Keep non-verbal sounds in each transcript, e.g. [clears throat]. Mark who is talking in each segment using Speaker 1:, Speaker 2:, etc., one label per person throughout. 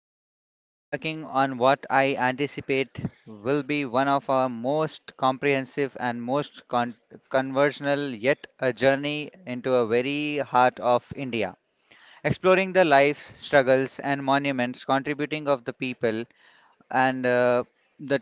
Speaker 1: Today, we are embarking on what I anticipate will be one of our most comprehensive and conversational, yet a journey into a very heart of India, exploring the lives, struggles, and monuments contributing of the people and the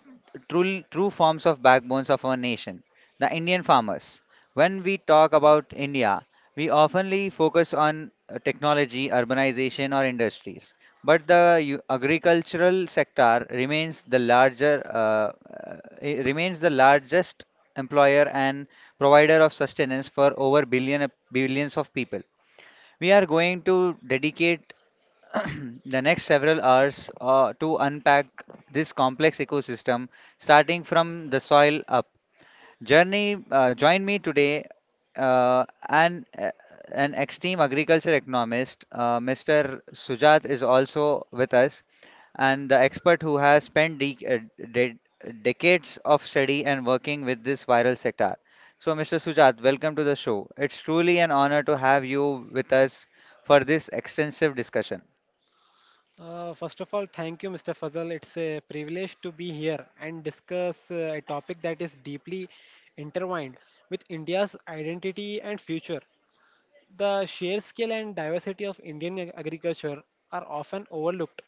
Speaker 1: true forms of backbones of our nation, the Indian farmers. When we talk about India, we oftenly focus on technology, urbanization, or industries, but the agricultural sector remains the largest employer and provider of sustenance for over billions of people. We are going to dedicate [clears throat] the next several hours to unpack this complex ecosystem, starting from the soil up. Join me today, uh, an uh, an extreme agriculture economist, Mr. Sujat is also with us, and the expert who has spent de de decades of study and working with this viral sector. So, Mr. Sujat, welcome to the show. It's truly an honor to have you with us for this extensive discussion.
Speaker 2: First of all, thank you, Mr. Fazal. It's a privilege to be here and discuss a topic that is deeply intertwined with India's identity and future. The sheer scale and diversity of Indian agriculture are often overlooked.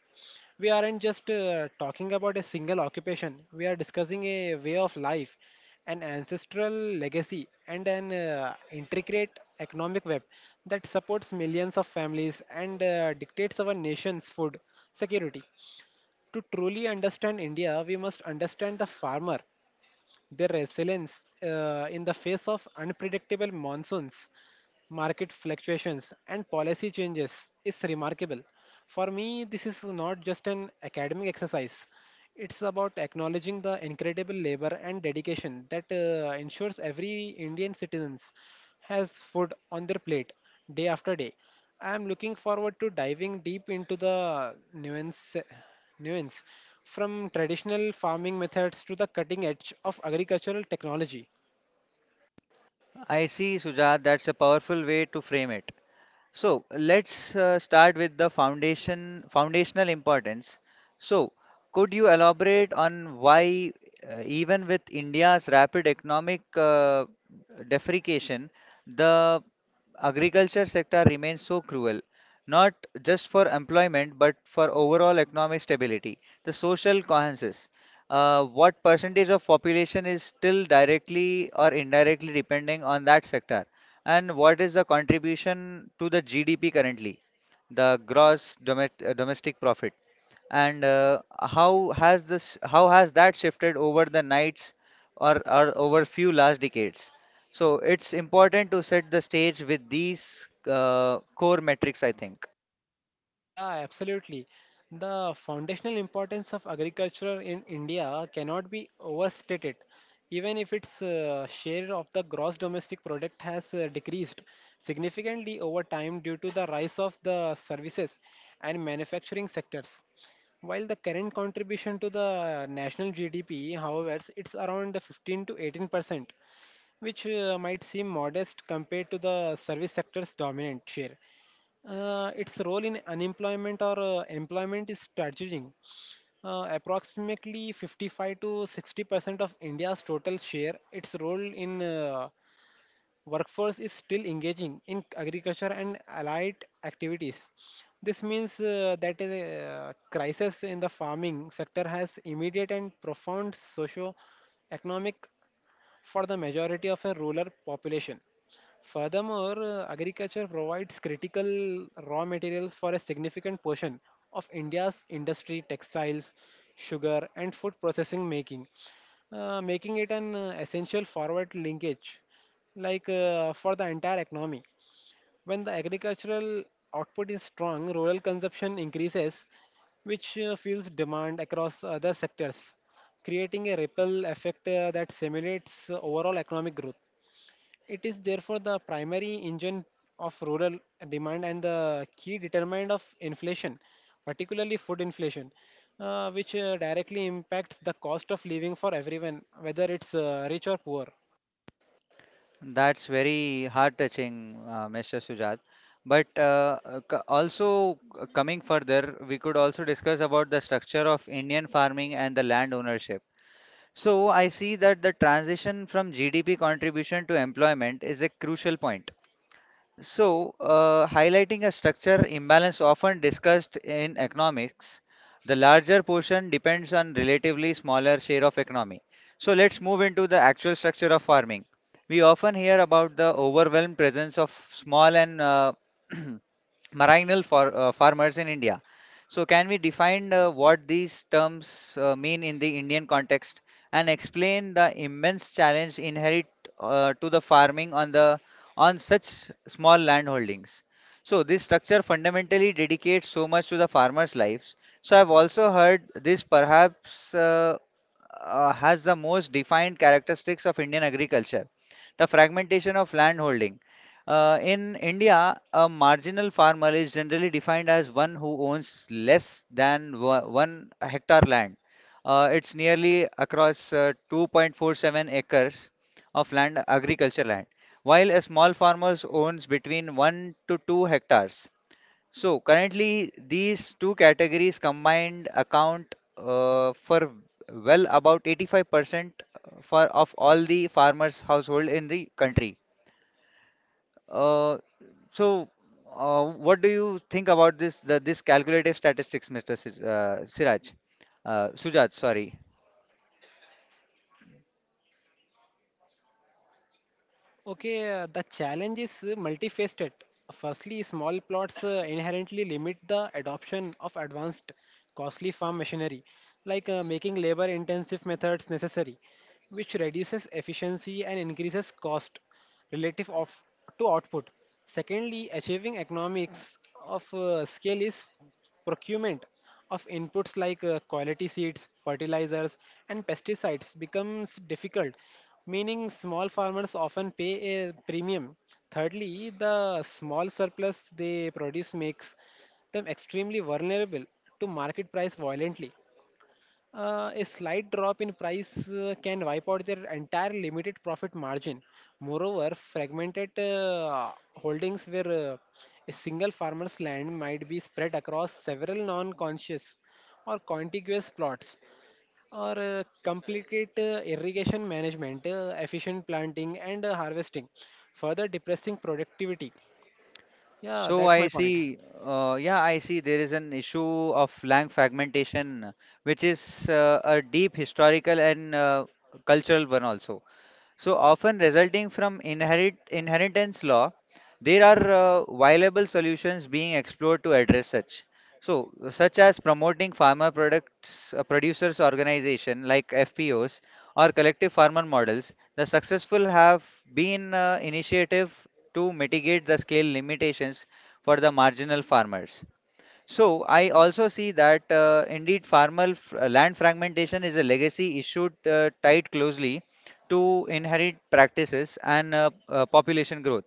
Speaker 2: We aren't just talking about a single occupation, we are discussing a way of life, an ancestral legacy, and an intricate economic web that supports millions of families and dictates our nation's food security. To truly understand India, we must understand the farmer. Their resilience in the face of unpredictable monsoons, market fluctuations, and policy changes is remarkable. For me, this is not just an academic exercise. It's about acknowledging the incredible labor and dedication that ensures every Indian citizen has food on their plate day after day. I am looking forward to diving deep into the nuance from traditional farming methods to the cutting edge of agricultural technology.
Speaker 1: I see, Sujat, that's a powerful way to frame it. So let's start with the foundational importance. So could you elaborate on why even with India's rapid economic deprecation, the agriculture sector remains so cruel, not just for employment but for overall economic stability, the social cohesis. What percentage of population is still directly or indirectly depending on that sector? And what is the contribution to the GDP currently, the gross domestic profit? And how has that shifted over the nights, or over few last decades? So it's important to set the stage with these core metrics, I think.
Speaker 2: Yeah, absolutely. The foundational importance of agriculture in India cannot be overstated. Even if its share of the gross domestic product has decreased significantly over time due to the rise of the services and manufacturing sectors, while the current contribution to the national GDP, however, it's around 15 to 18%, which might seem modest compared to the service sector's dominant share. Its role in unemployment or employment is strategic. Approximately 55 to 60% of India's total share, its role in workforce is still engaging in agriculture and allied activities. This means that a crisis in the farming sector has immediate and profound socio-economic for the majority of a rural population. Furthermore, agriculture provides critical raw materials for a significant portion of India's industry, textiles, sugar, and food processing, making making it an essential forward linkage, for the entire economy. When the agricultural output is strong, rural consumption increases, which fuels demand across other sectors, creating a ripple effect that simulates overall economic growth. It is therefore the primary engine of rural demand and the key determinant of inflation, particularly food inflation, which directly impacts the cost of living for everyone, whether it's rich or poor.
Speaker 1: That's very heart-touching, Mr. Sujat. But also coming further, we could also discuss about the structure of Indian farming and the land ownership. So I see that the transition from GDP contribution to employment is a crucial point. So, highlighting a structure imbalance often discussed in economics, the larger portion depends on relatively smaller share of economy. So let's move into the actual structure of farming. We often hear about the overwhelmed presence of small and [clears throat] marinal for farmers in India. So, can we define what these terms mean in the Indian context, and explain the immense challenge inherent to the farming on such small land holdings. So, this structure fundamentally dedicates so much to the farmers' lives. So, I've also heard this perhaps has the most defined characteristics of Indian agriculture, the fragmentation of land holding. In India, a marginal farmer is generally defined as one who owns less than one hectare land. It's nearly across 2.47 acres of land, agriculture land, while a small farmer owns between 1 to 2 hectares. So currently, these two categories combined account for well about 85% for of all the farmers' household in the country. Uh, so, what do you think about this calculative statistics, Mr. Siraj? Sujat, sorry.
Speaker 2: Okay, the challenge is multifaceted. Firstly, small plots inherently limit the adoption of advanced, costly farm machinery, making labor intensive methods necessary, which reduces efficiency and increases cost relative to output. Secondly, achieving economics of scale is procurement of inputs like quality seeds, fertilizers, and pesticides becomes difficult, meaning small farmers often pay a premium. Thirdly, the small surplus they produce makes them extremely vulnerable to market price violently. A slight drop in price can wipe out their entire limited profit margin. Moreover, fragmented holdings, where a single farmer's land might be spread across several non conscious or contiguous plots, or complicate irrigation management, efficient planting, and harvesting, further depressing productivity. Yeah,
Speaker 1: So
Speaker 2: that's my
Speaker 1: I
Speaker 2: point.
Speaker 1: see, yeah, I see there is an issue of lang fragmentation, which is a deep historical and cultural one also. So often resulting from inheritance law, there are viable solutions being explored to address such. So such as promoting farmer products producers organization like FPOs or collective farmer models, the successful have been initiative to mitigate the scale limitations for the marginal farmers. So I also see that indeed land fragmentation is a legacy issue tied closely to inherent practices and population growth.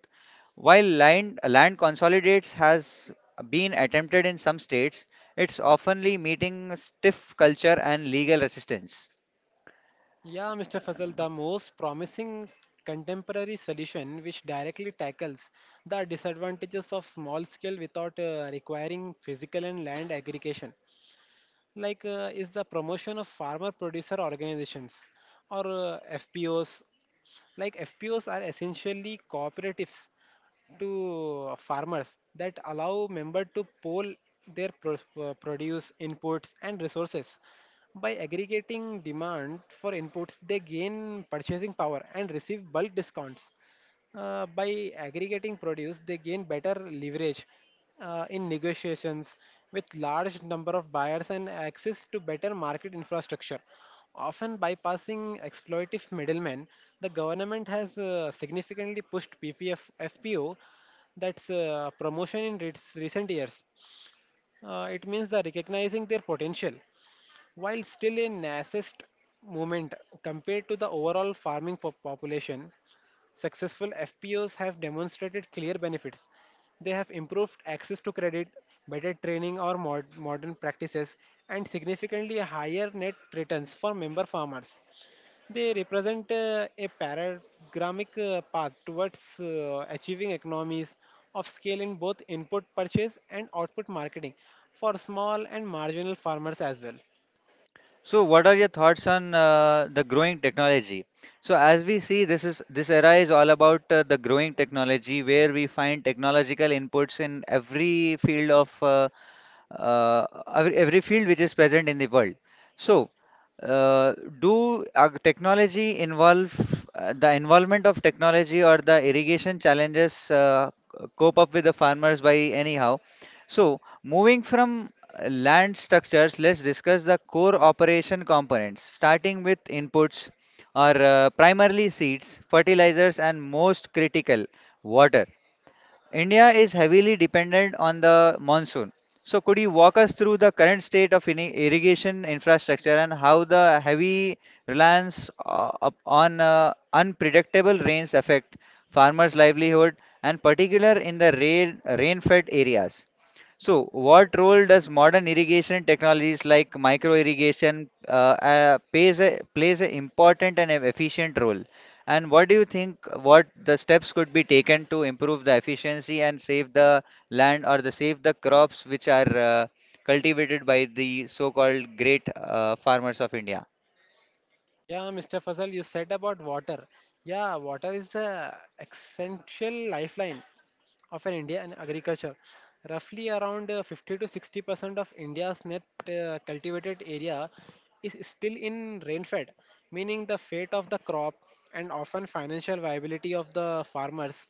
Speaker 1: While land consolidates has been attempted in some states, it's oftenly meeting stiff culture and legal resistance.
Speaker 2: Yeah, Mr. Fazal, the most promising contemporary solution, which directly tackles the disadvantages of small scale without requiring physical and land aggregation, is the promotion of farmer producer organizations, or FPOs. Like FPOs are essentially cooperatives to farmers that allow members to pool their produce inputs and resources. By aggregating demand for inputs, they gain purchasing power and receive bulk discounts. By aggregating produce, they gain better leverage in negotiations with large number of buyers and access to better market infrastructure. Often bypassing exploitive middlemen, the government has significantly pushed PPF, that's promotion, in recent years. It means the recognizing their potential, while still a nascent movement compared to the overall farming population. Successful FPOs have demonstrated clear benefits. They have improved access to credit, better training or modern practices, and significantly higher net returns for member farmers. They represent a paradigmatic path towards achieving economies of scale in both input purchase and output marketing for small and marginal farmers as well.
Speaker 1: So, what are your thoughts on the growing technology? So, as we see, this era is all about the growing technology, where we find technological inputs in every field of uh, every field which is present in the world. So, uh, do technology involve the involvement of technology, or the irrigation challenges cope up with the farmers by anyhow? So, moving from land structures, let's discuss the core operation components, starting with inputs are primarily seeds, fertilizers, and most critical, water. India is heavily dependent on the monsoon. So could you walk us through the current state of irrigation infrastructure, and how the heavy reliance on unpredictable rains affect farmers' livelihood, and particular in the rain-fed areas? So, what role does modern irrigation technologies like micro irrigation plays an important and an efficient role? And what do you think what the steps could be taken to improve the efficiency and save the land, or the save the crops which are cultivated by the so-called great farmers of India?
Speaker 2: Yeah, Mr. Fazal, you said about water. Yeah, water is the essential lifeline of an India and agriculture. Roughly around 50 to 60% of India's net cultivated area is still in rainfed, meaning the fate of the crop and often financial viability of the farmers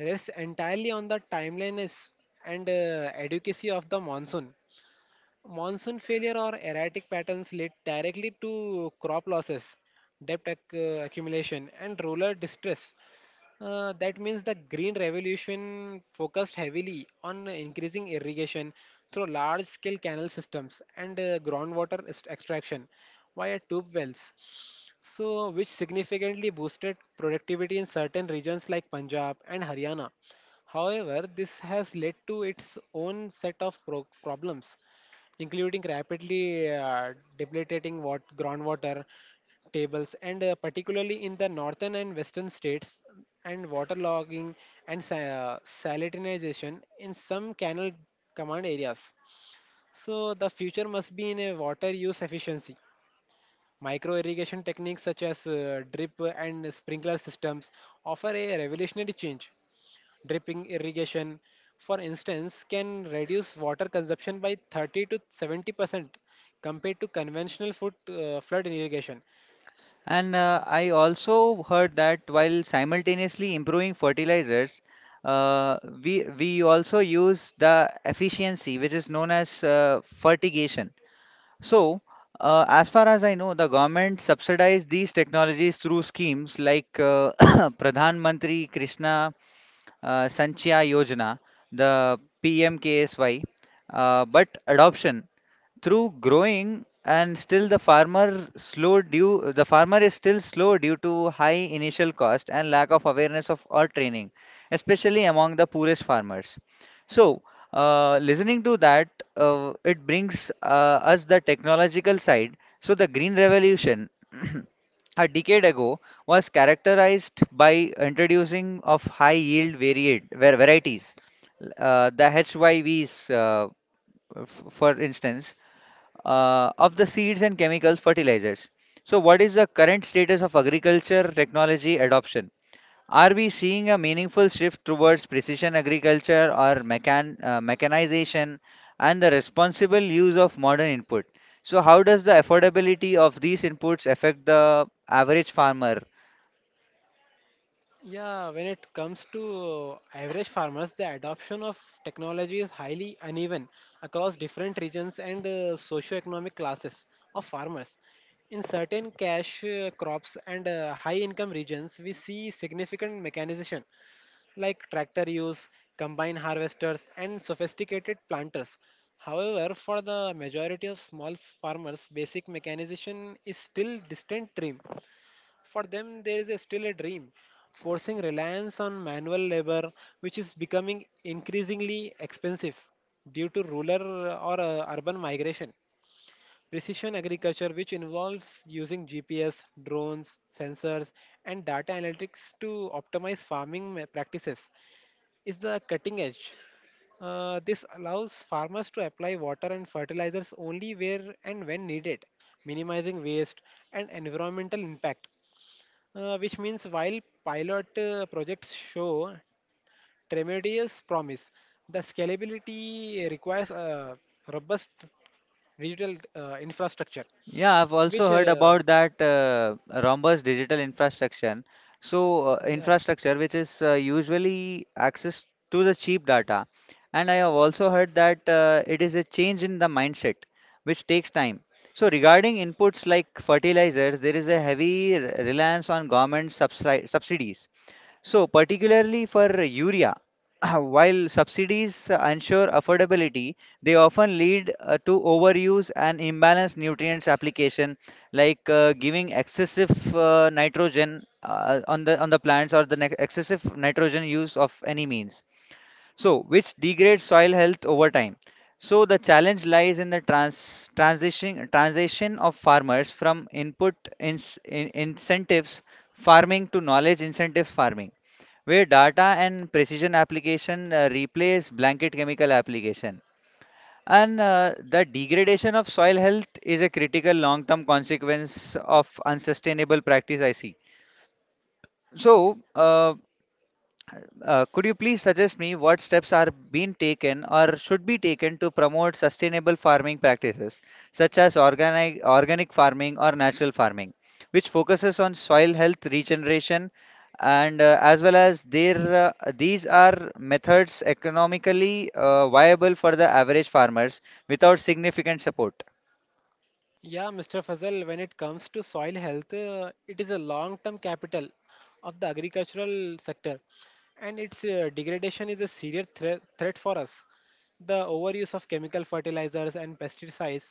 Speaker 2: rests entirely on the timeliness and adequacy of the monsoon. Monsoon failure or erratic patterns lead directly to crop losses, debt accumulation, and rural distress. That means the green revolution focused heavily on increasing irrigation through large scale canal systems and groundwater extraction via tube wells, so which significantly boosted productivity in certain regions like Punjab and Haryana. However, this has led to its own set of problems, including rapidly depleting groundwater tables, and particularly in the northern and western states, and waterlogging and salinization in some canal command areas. So the future must be in a water use efficiency. Micro irrigation techniques, such as drip and sprinkler systems, offer a revolutionary change. Dripping irrigation, for instance, can reduce water consumption by 30 to 70% compared to conventional flood irrigation.
Speaker 1: And I also heard that while simultaneously improving fertilizers, we also use the efficiency, which is known as fertigation. So, as far as I know, the government subsidized these technologies through schemes like [coughs] Pradhan Mantri Krishna Sanchya Yojana, the PMKSY. But adoption through growing and still the farmer is still slow due to high initial cost and lack of awareness of or training, especially among the poorest farmers. So listening to that, it brings us the technological side. So the green revolution [clears throat] a decade ago was characterized by introducing of high yield varieties, the HYVs, for instance, of the seeds and chemicals fertilizers. So, what is the current status of agriculture technology adoption? Are we seeing a meaningful shift towards precision agriculture or mechanization and the responsible use of modern input? So, how does the affordability of these inputs affect the average farmer?
Speaker 2: Yeah, when it comes to average farmers, the adoption of technology is highly uneven across different regions and socioeconomic classes of farmers. In certain cash crops and high income regions, we see significant mechanization like tractor use, combine harvesters, and sophisticated planters. However, for the majority of small farmers, basic mechanization is still distant dream for them, there is a still a dream, forcing reliance on manual labor, which is becoming increasingly expensive due to rural or urban migration. Precision agriculture, which involves using GPS, drones, sensors, and data analytics to optimize farming practices, is the cutting edge. This allows farmers to apply water and fertilizers only where and when needed, minimizing waste and environmental impact, which means while pilot projects show tremendous promise, the scalability requires a robust digital infrastructure.
Speaker 1: Yeah, I've
Speaker 2: Which,
Speaker 1: also heard
Speaker 2: uh,
Speaker 1: about that Rhombus digital infrastructure. So,
Speaker 2: yeah,
Speaker 1: infrastructure which is usually access to the cheap data. And I have also heard that it is a change in the mindset, which takes time. So, regarding inputs like fertilizers, there is a heavy reliance on government subsidies. So, particularly for urea, [clears throat] while subsidies ensure affordability, they often lead to overuse and imbalanced nutrients application, like giving excessive nitrogen on the plants, or the ne excessive nitrogen use of any means. So, which degrades soil health over time. So, the challenge lies in the transition of farmers from input ins in incentives farming to knowledge incentive farming, where data and precision application replace blanket chemical application. And the degradation of soil health is a critical long term consequence of unsustainable practice, I see. So, could you please suggest me what steps are being taken or should be taken to promote sustainable farming practices, such as organic farming or natural farming, which focuses on soil health regeneration, and as well as these are methods economically viable for the average farmers without significant support.
Speaker 2: yeah, Mr. Fazal, when it comes to soil health, it is a long-term capital of the agricultural sector, and its degradation is a serious threat for us. The overuse of chemical fertilizers and pesticides,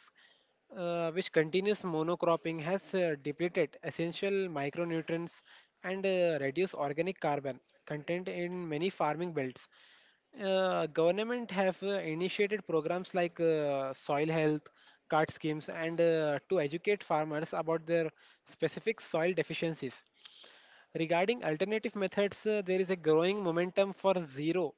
Speaker 2: which continuous monocropping has depleted essential micronutrients and reduced organic carbon content in many farming belts. Government have initiated programs soil health card schemes, and to educate farmers about their specific soil deficiencies. Regarding alternative methods, there is a growing momentum for zero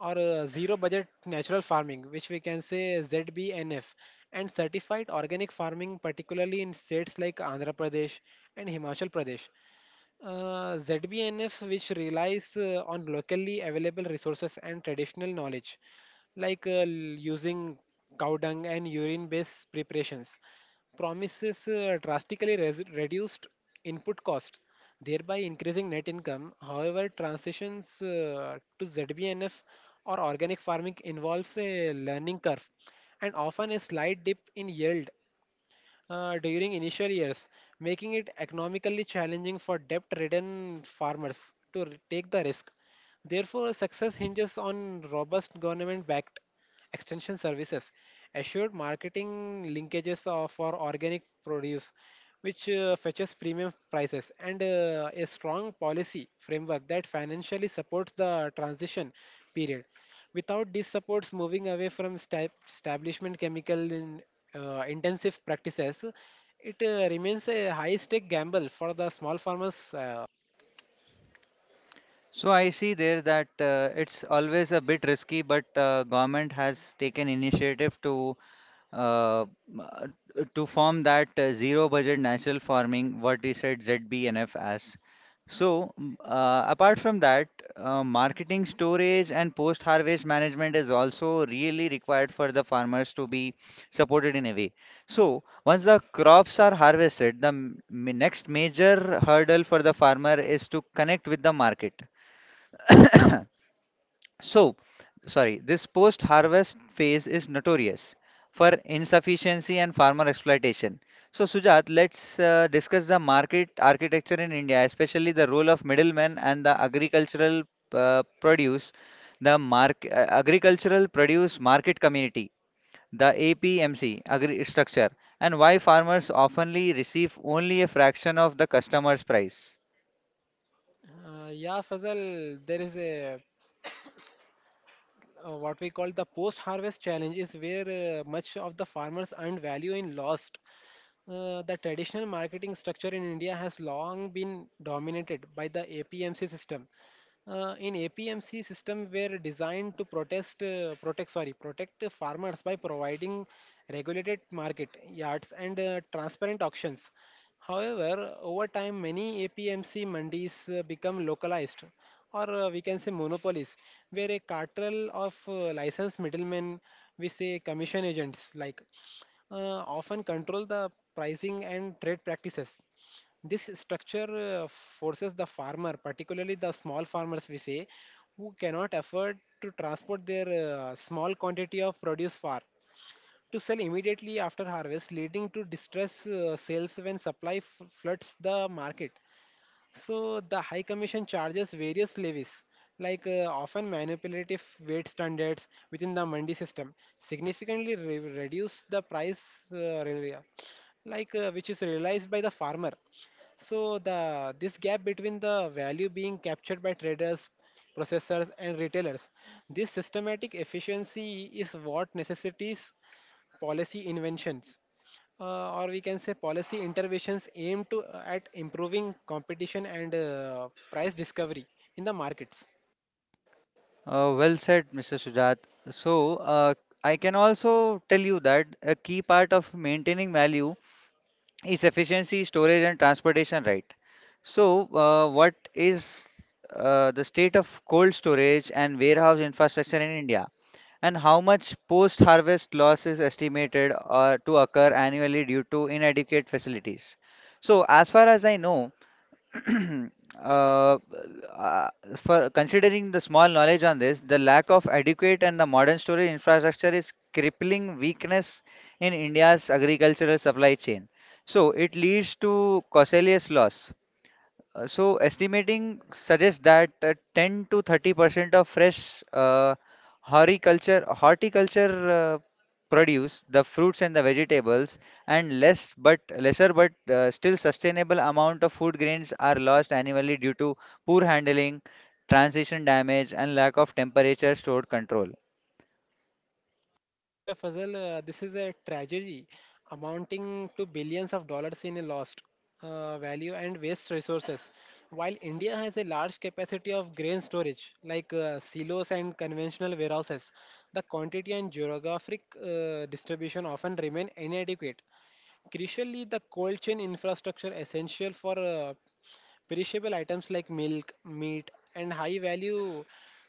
Speaker 2: or uh, zero budget natural farming, which we can say ZBNF, and certified organic farming, particularly in states like Andhra Pradesh and Himachal Pradesh. ZBNF, which relies on locally available resources and traditional knowledge, using cow dung and urine based preparations, promises drastically reduced input costs, thereby increasing net income. However, transitions to ZBNF or organic farming involves a learning curve and often a slight dip in yield during initial years, making it economically challenging for debt ridden farmers to take the risk. Therefore, success hinges on robust government backed extension services, assured marketing linkages for organic produce, which fetches premium prices, and a strong policy framework that financially supports the transition period. Without these supports, moving away from establishment chemical in intensive practices, it remains a high stake gamble for the small farmers.
Speaker 1: So I see there that it's always a bit risky, but government has taken initiative uh, uh, to form that zero budget natural farming, what we said ZBNF as. So, apart from that, marketing, storage, and post-harvest management is also really required for the farmers to be supported in a way. So, once the crops are harvested, the next major hurdle for the farmer is to connect with the market. So, sorry, this post harvest phase is notorious for insufficiency and farmer exploitation. So, Sujat, let's discuss the market architecture in India, especially the role of middlemen and the agricultural produce, agricultural produce market community, the APMC agri structure, and why farmers oftenly receive only a fraction of the customer's price.
Speaker 2: Yeah, Fazal, there is a what we call the post harvest challenge is where much of the farmers earned value in lost. The traditional marketing structure in India has long been dominated by the APMC system, in APMC system were designed to protest, protect sorry protect the farmers by providing regulated market yards and transparent auctions. However, over time many APMC mandis become localized or we can say monopolies, where a cartel of licensed middlemen, we say commission agents, often control the pricing and trade practices. This structure forces the farmer, particularly the small farmers, we say, who cannot afford to transport their small quantity of produce far, to sell immediately after harvest, leading to distress sales when supply floods the market. So the High Commission charges various levies, often manipulative weight standards within the mandi system, significantly reduce the price, which is realized by the farmer. So the this gap between the value being captured by traders, processors, and retailers, this systematic efficiency is what necessitates policy inventions, or we can say policy interventions aimed to at improving competition and price discovery in the markets.
Speaker 1: Well said, Mr. Sujat. So, I can also tell you that a key part of maintaining value is efficiency, storage, and transportation, right? So, what is the state of cold storage and warehouse infrastructure in India? And how much post-harvest loss is estimated to occur annually due to inadequate facilities? So, as far as I know, [clears throat] uh, uh, for considering the small knowledge on this, the lack of adequate and the modern storage infrastructure is crippling weakness in India's agricultural supply chain. So it leads to causalious loss. So estimating suggests that 10 to 30% of fresh horticulture produce, the fruits and the vegetables, and lesser but still sustainable amount of food grains are lost annually due to poor handling, transition damage, and lack of temperature stored control.
Speaker 2: Mr. Fazal, this is a tragedy amounting to billions of dollars in lost value and waste resources. While India has a large capacity of grain storage, silos and conventional warehouses, the quantity and geographic distribution often remain inadequate. Crucially, the cold chain infrastructure essential for perishable items like milk, meat, and high value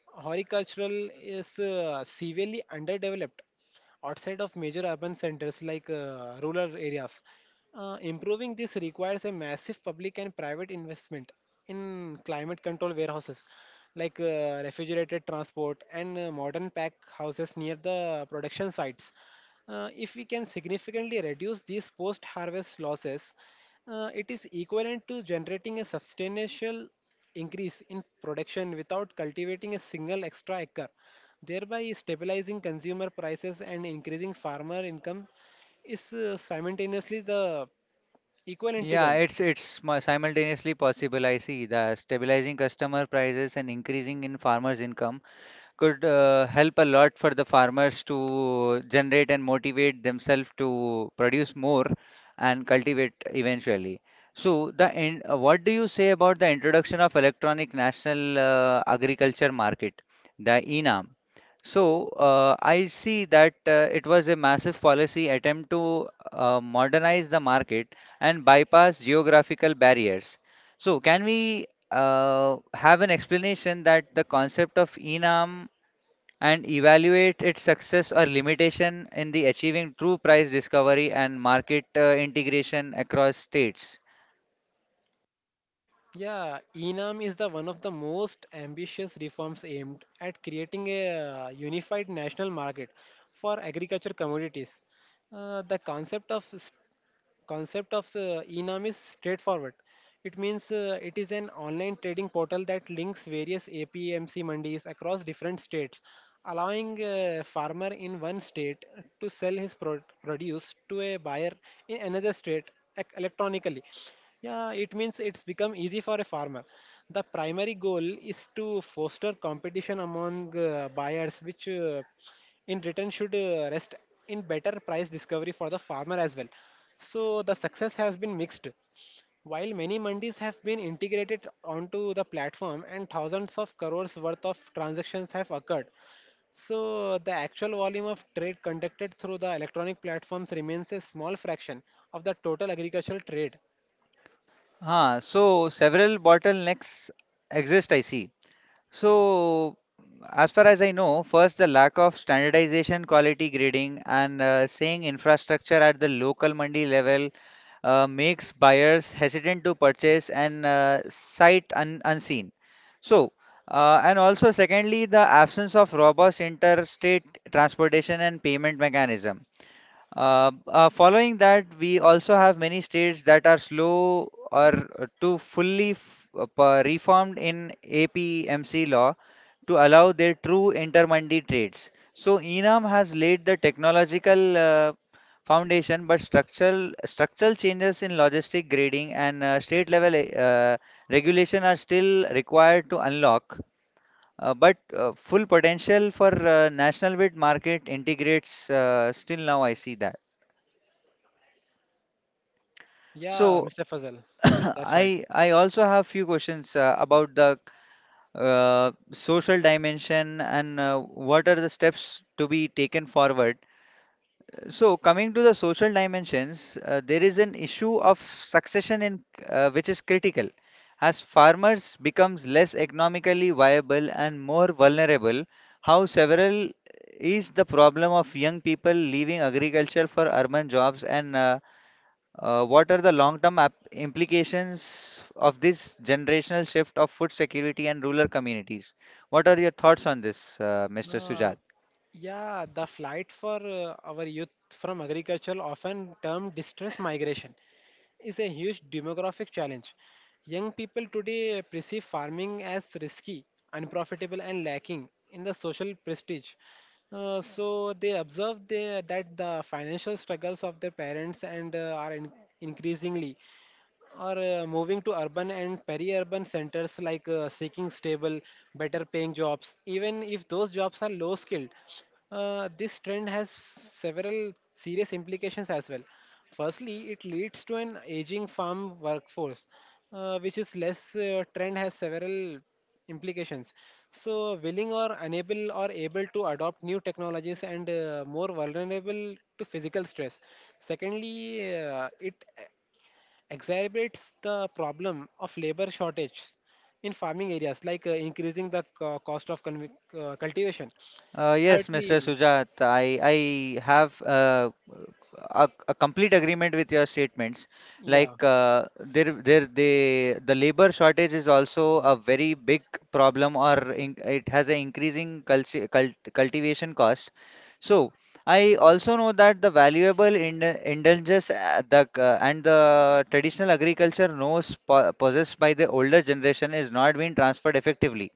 Speaker 2: horticultural is severely underdeveloped outside of major urban centers, rural areas. Improving this requires a massive public and private investment in climate control warehouses, refrigerated transport, and modern pack houses near the production sites. If we can significantly reduce these post harvest losses, it is equivalent to generating a substantial increase in production without cultivating a single extra acre, thereby stabilizing consumer prices and increasing farmer income is simultaneously the equivalent to
Speaker 1: Yeah,
Speaker 2: them.
Speaker 1: it's simultaneously possible. I see the stabilizing customer prices and increasing in farmers' income could help a lot for the farmers to generate and motivate themselves to produce more and cultivate eventually. So, what do you say about the introduction of electronic national agriculture market, the ENAM? So, I see that it was a massive policy attempt to modernize the market and bypass geographical barriers. So, can we have an explanation that the concept of enam and evaluate its success or limitation in the achieving true price discovery and market integration across states.
Speaker 2: Yeah, ENAM is the one of the most ambitious reforms aimed at creating a unified national market for agriculture commodities. The concept of ENAM is straightforward, it means it is an online trading portal that links various APMC mandis across different states, allowing a farmer in one state to sell his produce to a buyer in another state electronically. Yeah, it means it's become easy for a farmer. The primary goal is to foster competition among buyers, which in return should rest in better price discovery for the farmer as well. So the success has been mixed. While many mandis have been integrated onto the platform and thousands of crores worth of transactions have occurred, so the actual volume of trade conducted through the electronic platforms remains a small fraction of the total agricultural trade.
Speaker 1: Huh, so several bottlenecks exist, I see. So as far as I know, first the lack of standardization, quality grading, and saying infrastructure at the local mandi level makes buyers hesitant to purchase and unseen. So, and also secondly, the absence of robust interstate transportation and payment mechanism. Following that, we also have many states that are slow or to reformed in APMC law to allow their true intermandi trades. So ENAM has laid the technological foundation, but structural changes in logistic grading and state level regulation are still required to unlock. But Full potential for national bid market integrates still now I see that.
Speaker 2: Yeah,
Speaker 1: So
Speaker 2: Mr. Fazal.
Speaker 1: [coughs] [clears throat]
Speaker 2: Yeah, that's right.
Speaker 1: I also have few questions about the social dimension and what are the steps to be taken forward. So coming to the social dimensions, there is an issue of succession in which is critical. As farmers becomes less economically viable and more vulnerable, how several is the problem of young people leaving agriculture for urban jobs and what are the long-term implications of this generational shift of food security and rural communities? What are your thoughts on this, Mr.
Speaker 2: Uh,
Speaker 1: Sujat?
Speaker 2: yeah, the flight for our youth from agriculture often termed distress migration is a huge demographic challenge. Young people today perceive farming as risky, unprofitable, and lacking in the social prestige. So they observe that the financial struggles of their parents and are increasingly or moving to urban and peri-urban centers, seeking stable, better paying jobs, even if those jobs are low skilled. This trend has several serious implications as well. Firstly, it leads to an aging farm workforce, which is less trend has several implications. So, willing or unable or able to adopt new technologies and more vulnerable to physical stress. Secondly, it exacerbates the problem of labor shortage in farming areas, increasing the cost of cultivation.
Speaker 1: Yes, Mr.
Speaker 2: Thirdly,
Speaker 1: Sujat, I have a complete agreement with your statements.
Speaker 2: yeah,
Speaker 1: Like the labor shortage is also a very big problem, or in, it has an increasing cultivation cost. So I also know that the valuable indulgences the and the traditional agriculture knows po possessed by the older generation is not being transferred effectively.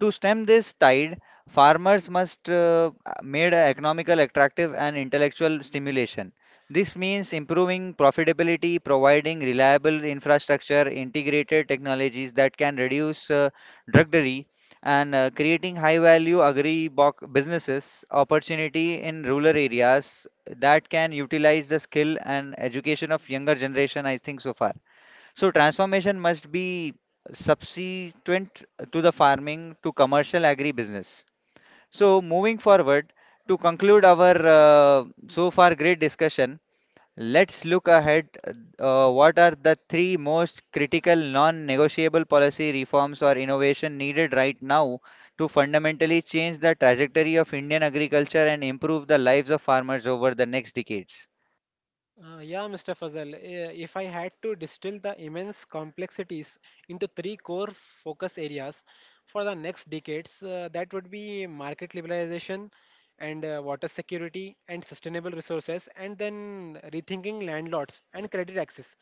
Speaker 1: To stem this tide, farmers must made a economical attractive and intellectual stimulation. This means improving profitability, providing reliable infrastructure, integrated technologies that can reduce druggery, and creating high-value businesses opportunity in rural areas that can utilize the skill and education of younger generation. I think so far. So transformation must be subsequent to the farming to commercial agribusiness. So moving forward to conclude our so far great discussion, let's look ahead. What are the three most critical non-negotiable policy reforms or innovation needed right now to fundamentally change the trajectory of Indian agriculture and improve the lives of farmers over the next decades?
Speaker 2: yeah, Mr. Fazal, if I had to distill the immense complexities into three core focus areas for the next decades, that would be market liberalization and water security and sustainable resources, and then rethinking landlords and credit access.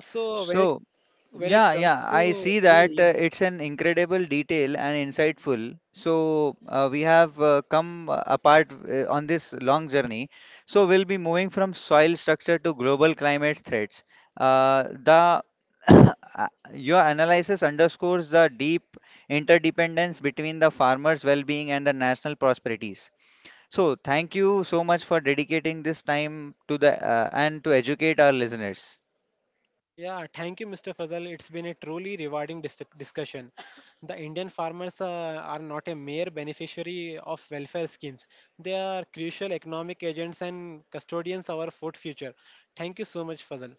Speaker 2: So
Speaker 1: So
Speaker 2: when it
Speaker 1: yeah,
Speaker 2: comes
Speaker 1: yeah, I
Speaker 2: to
Speaker 1: see that
Speaker 2: three,
Speaker 1: it's an incredible detail and insightful. So we have come apart on this long journey. So we'll be moving from soil structure to global climate threats. The [coughs] your analysis underscores the deep interdependence between the farmers' well-being and the national prosperities. So thank you so much for dedicating this time to the and to educate our listeners.
Speaker 2: Yeah, thank you, Mr. Fazal. It's been a truly rewarding discussion. The Indian farmers are not a mere beneficiary of welfare schemes. They are crucial economic agents and custodians of our food future. Thank you so much, Fazal.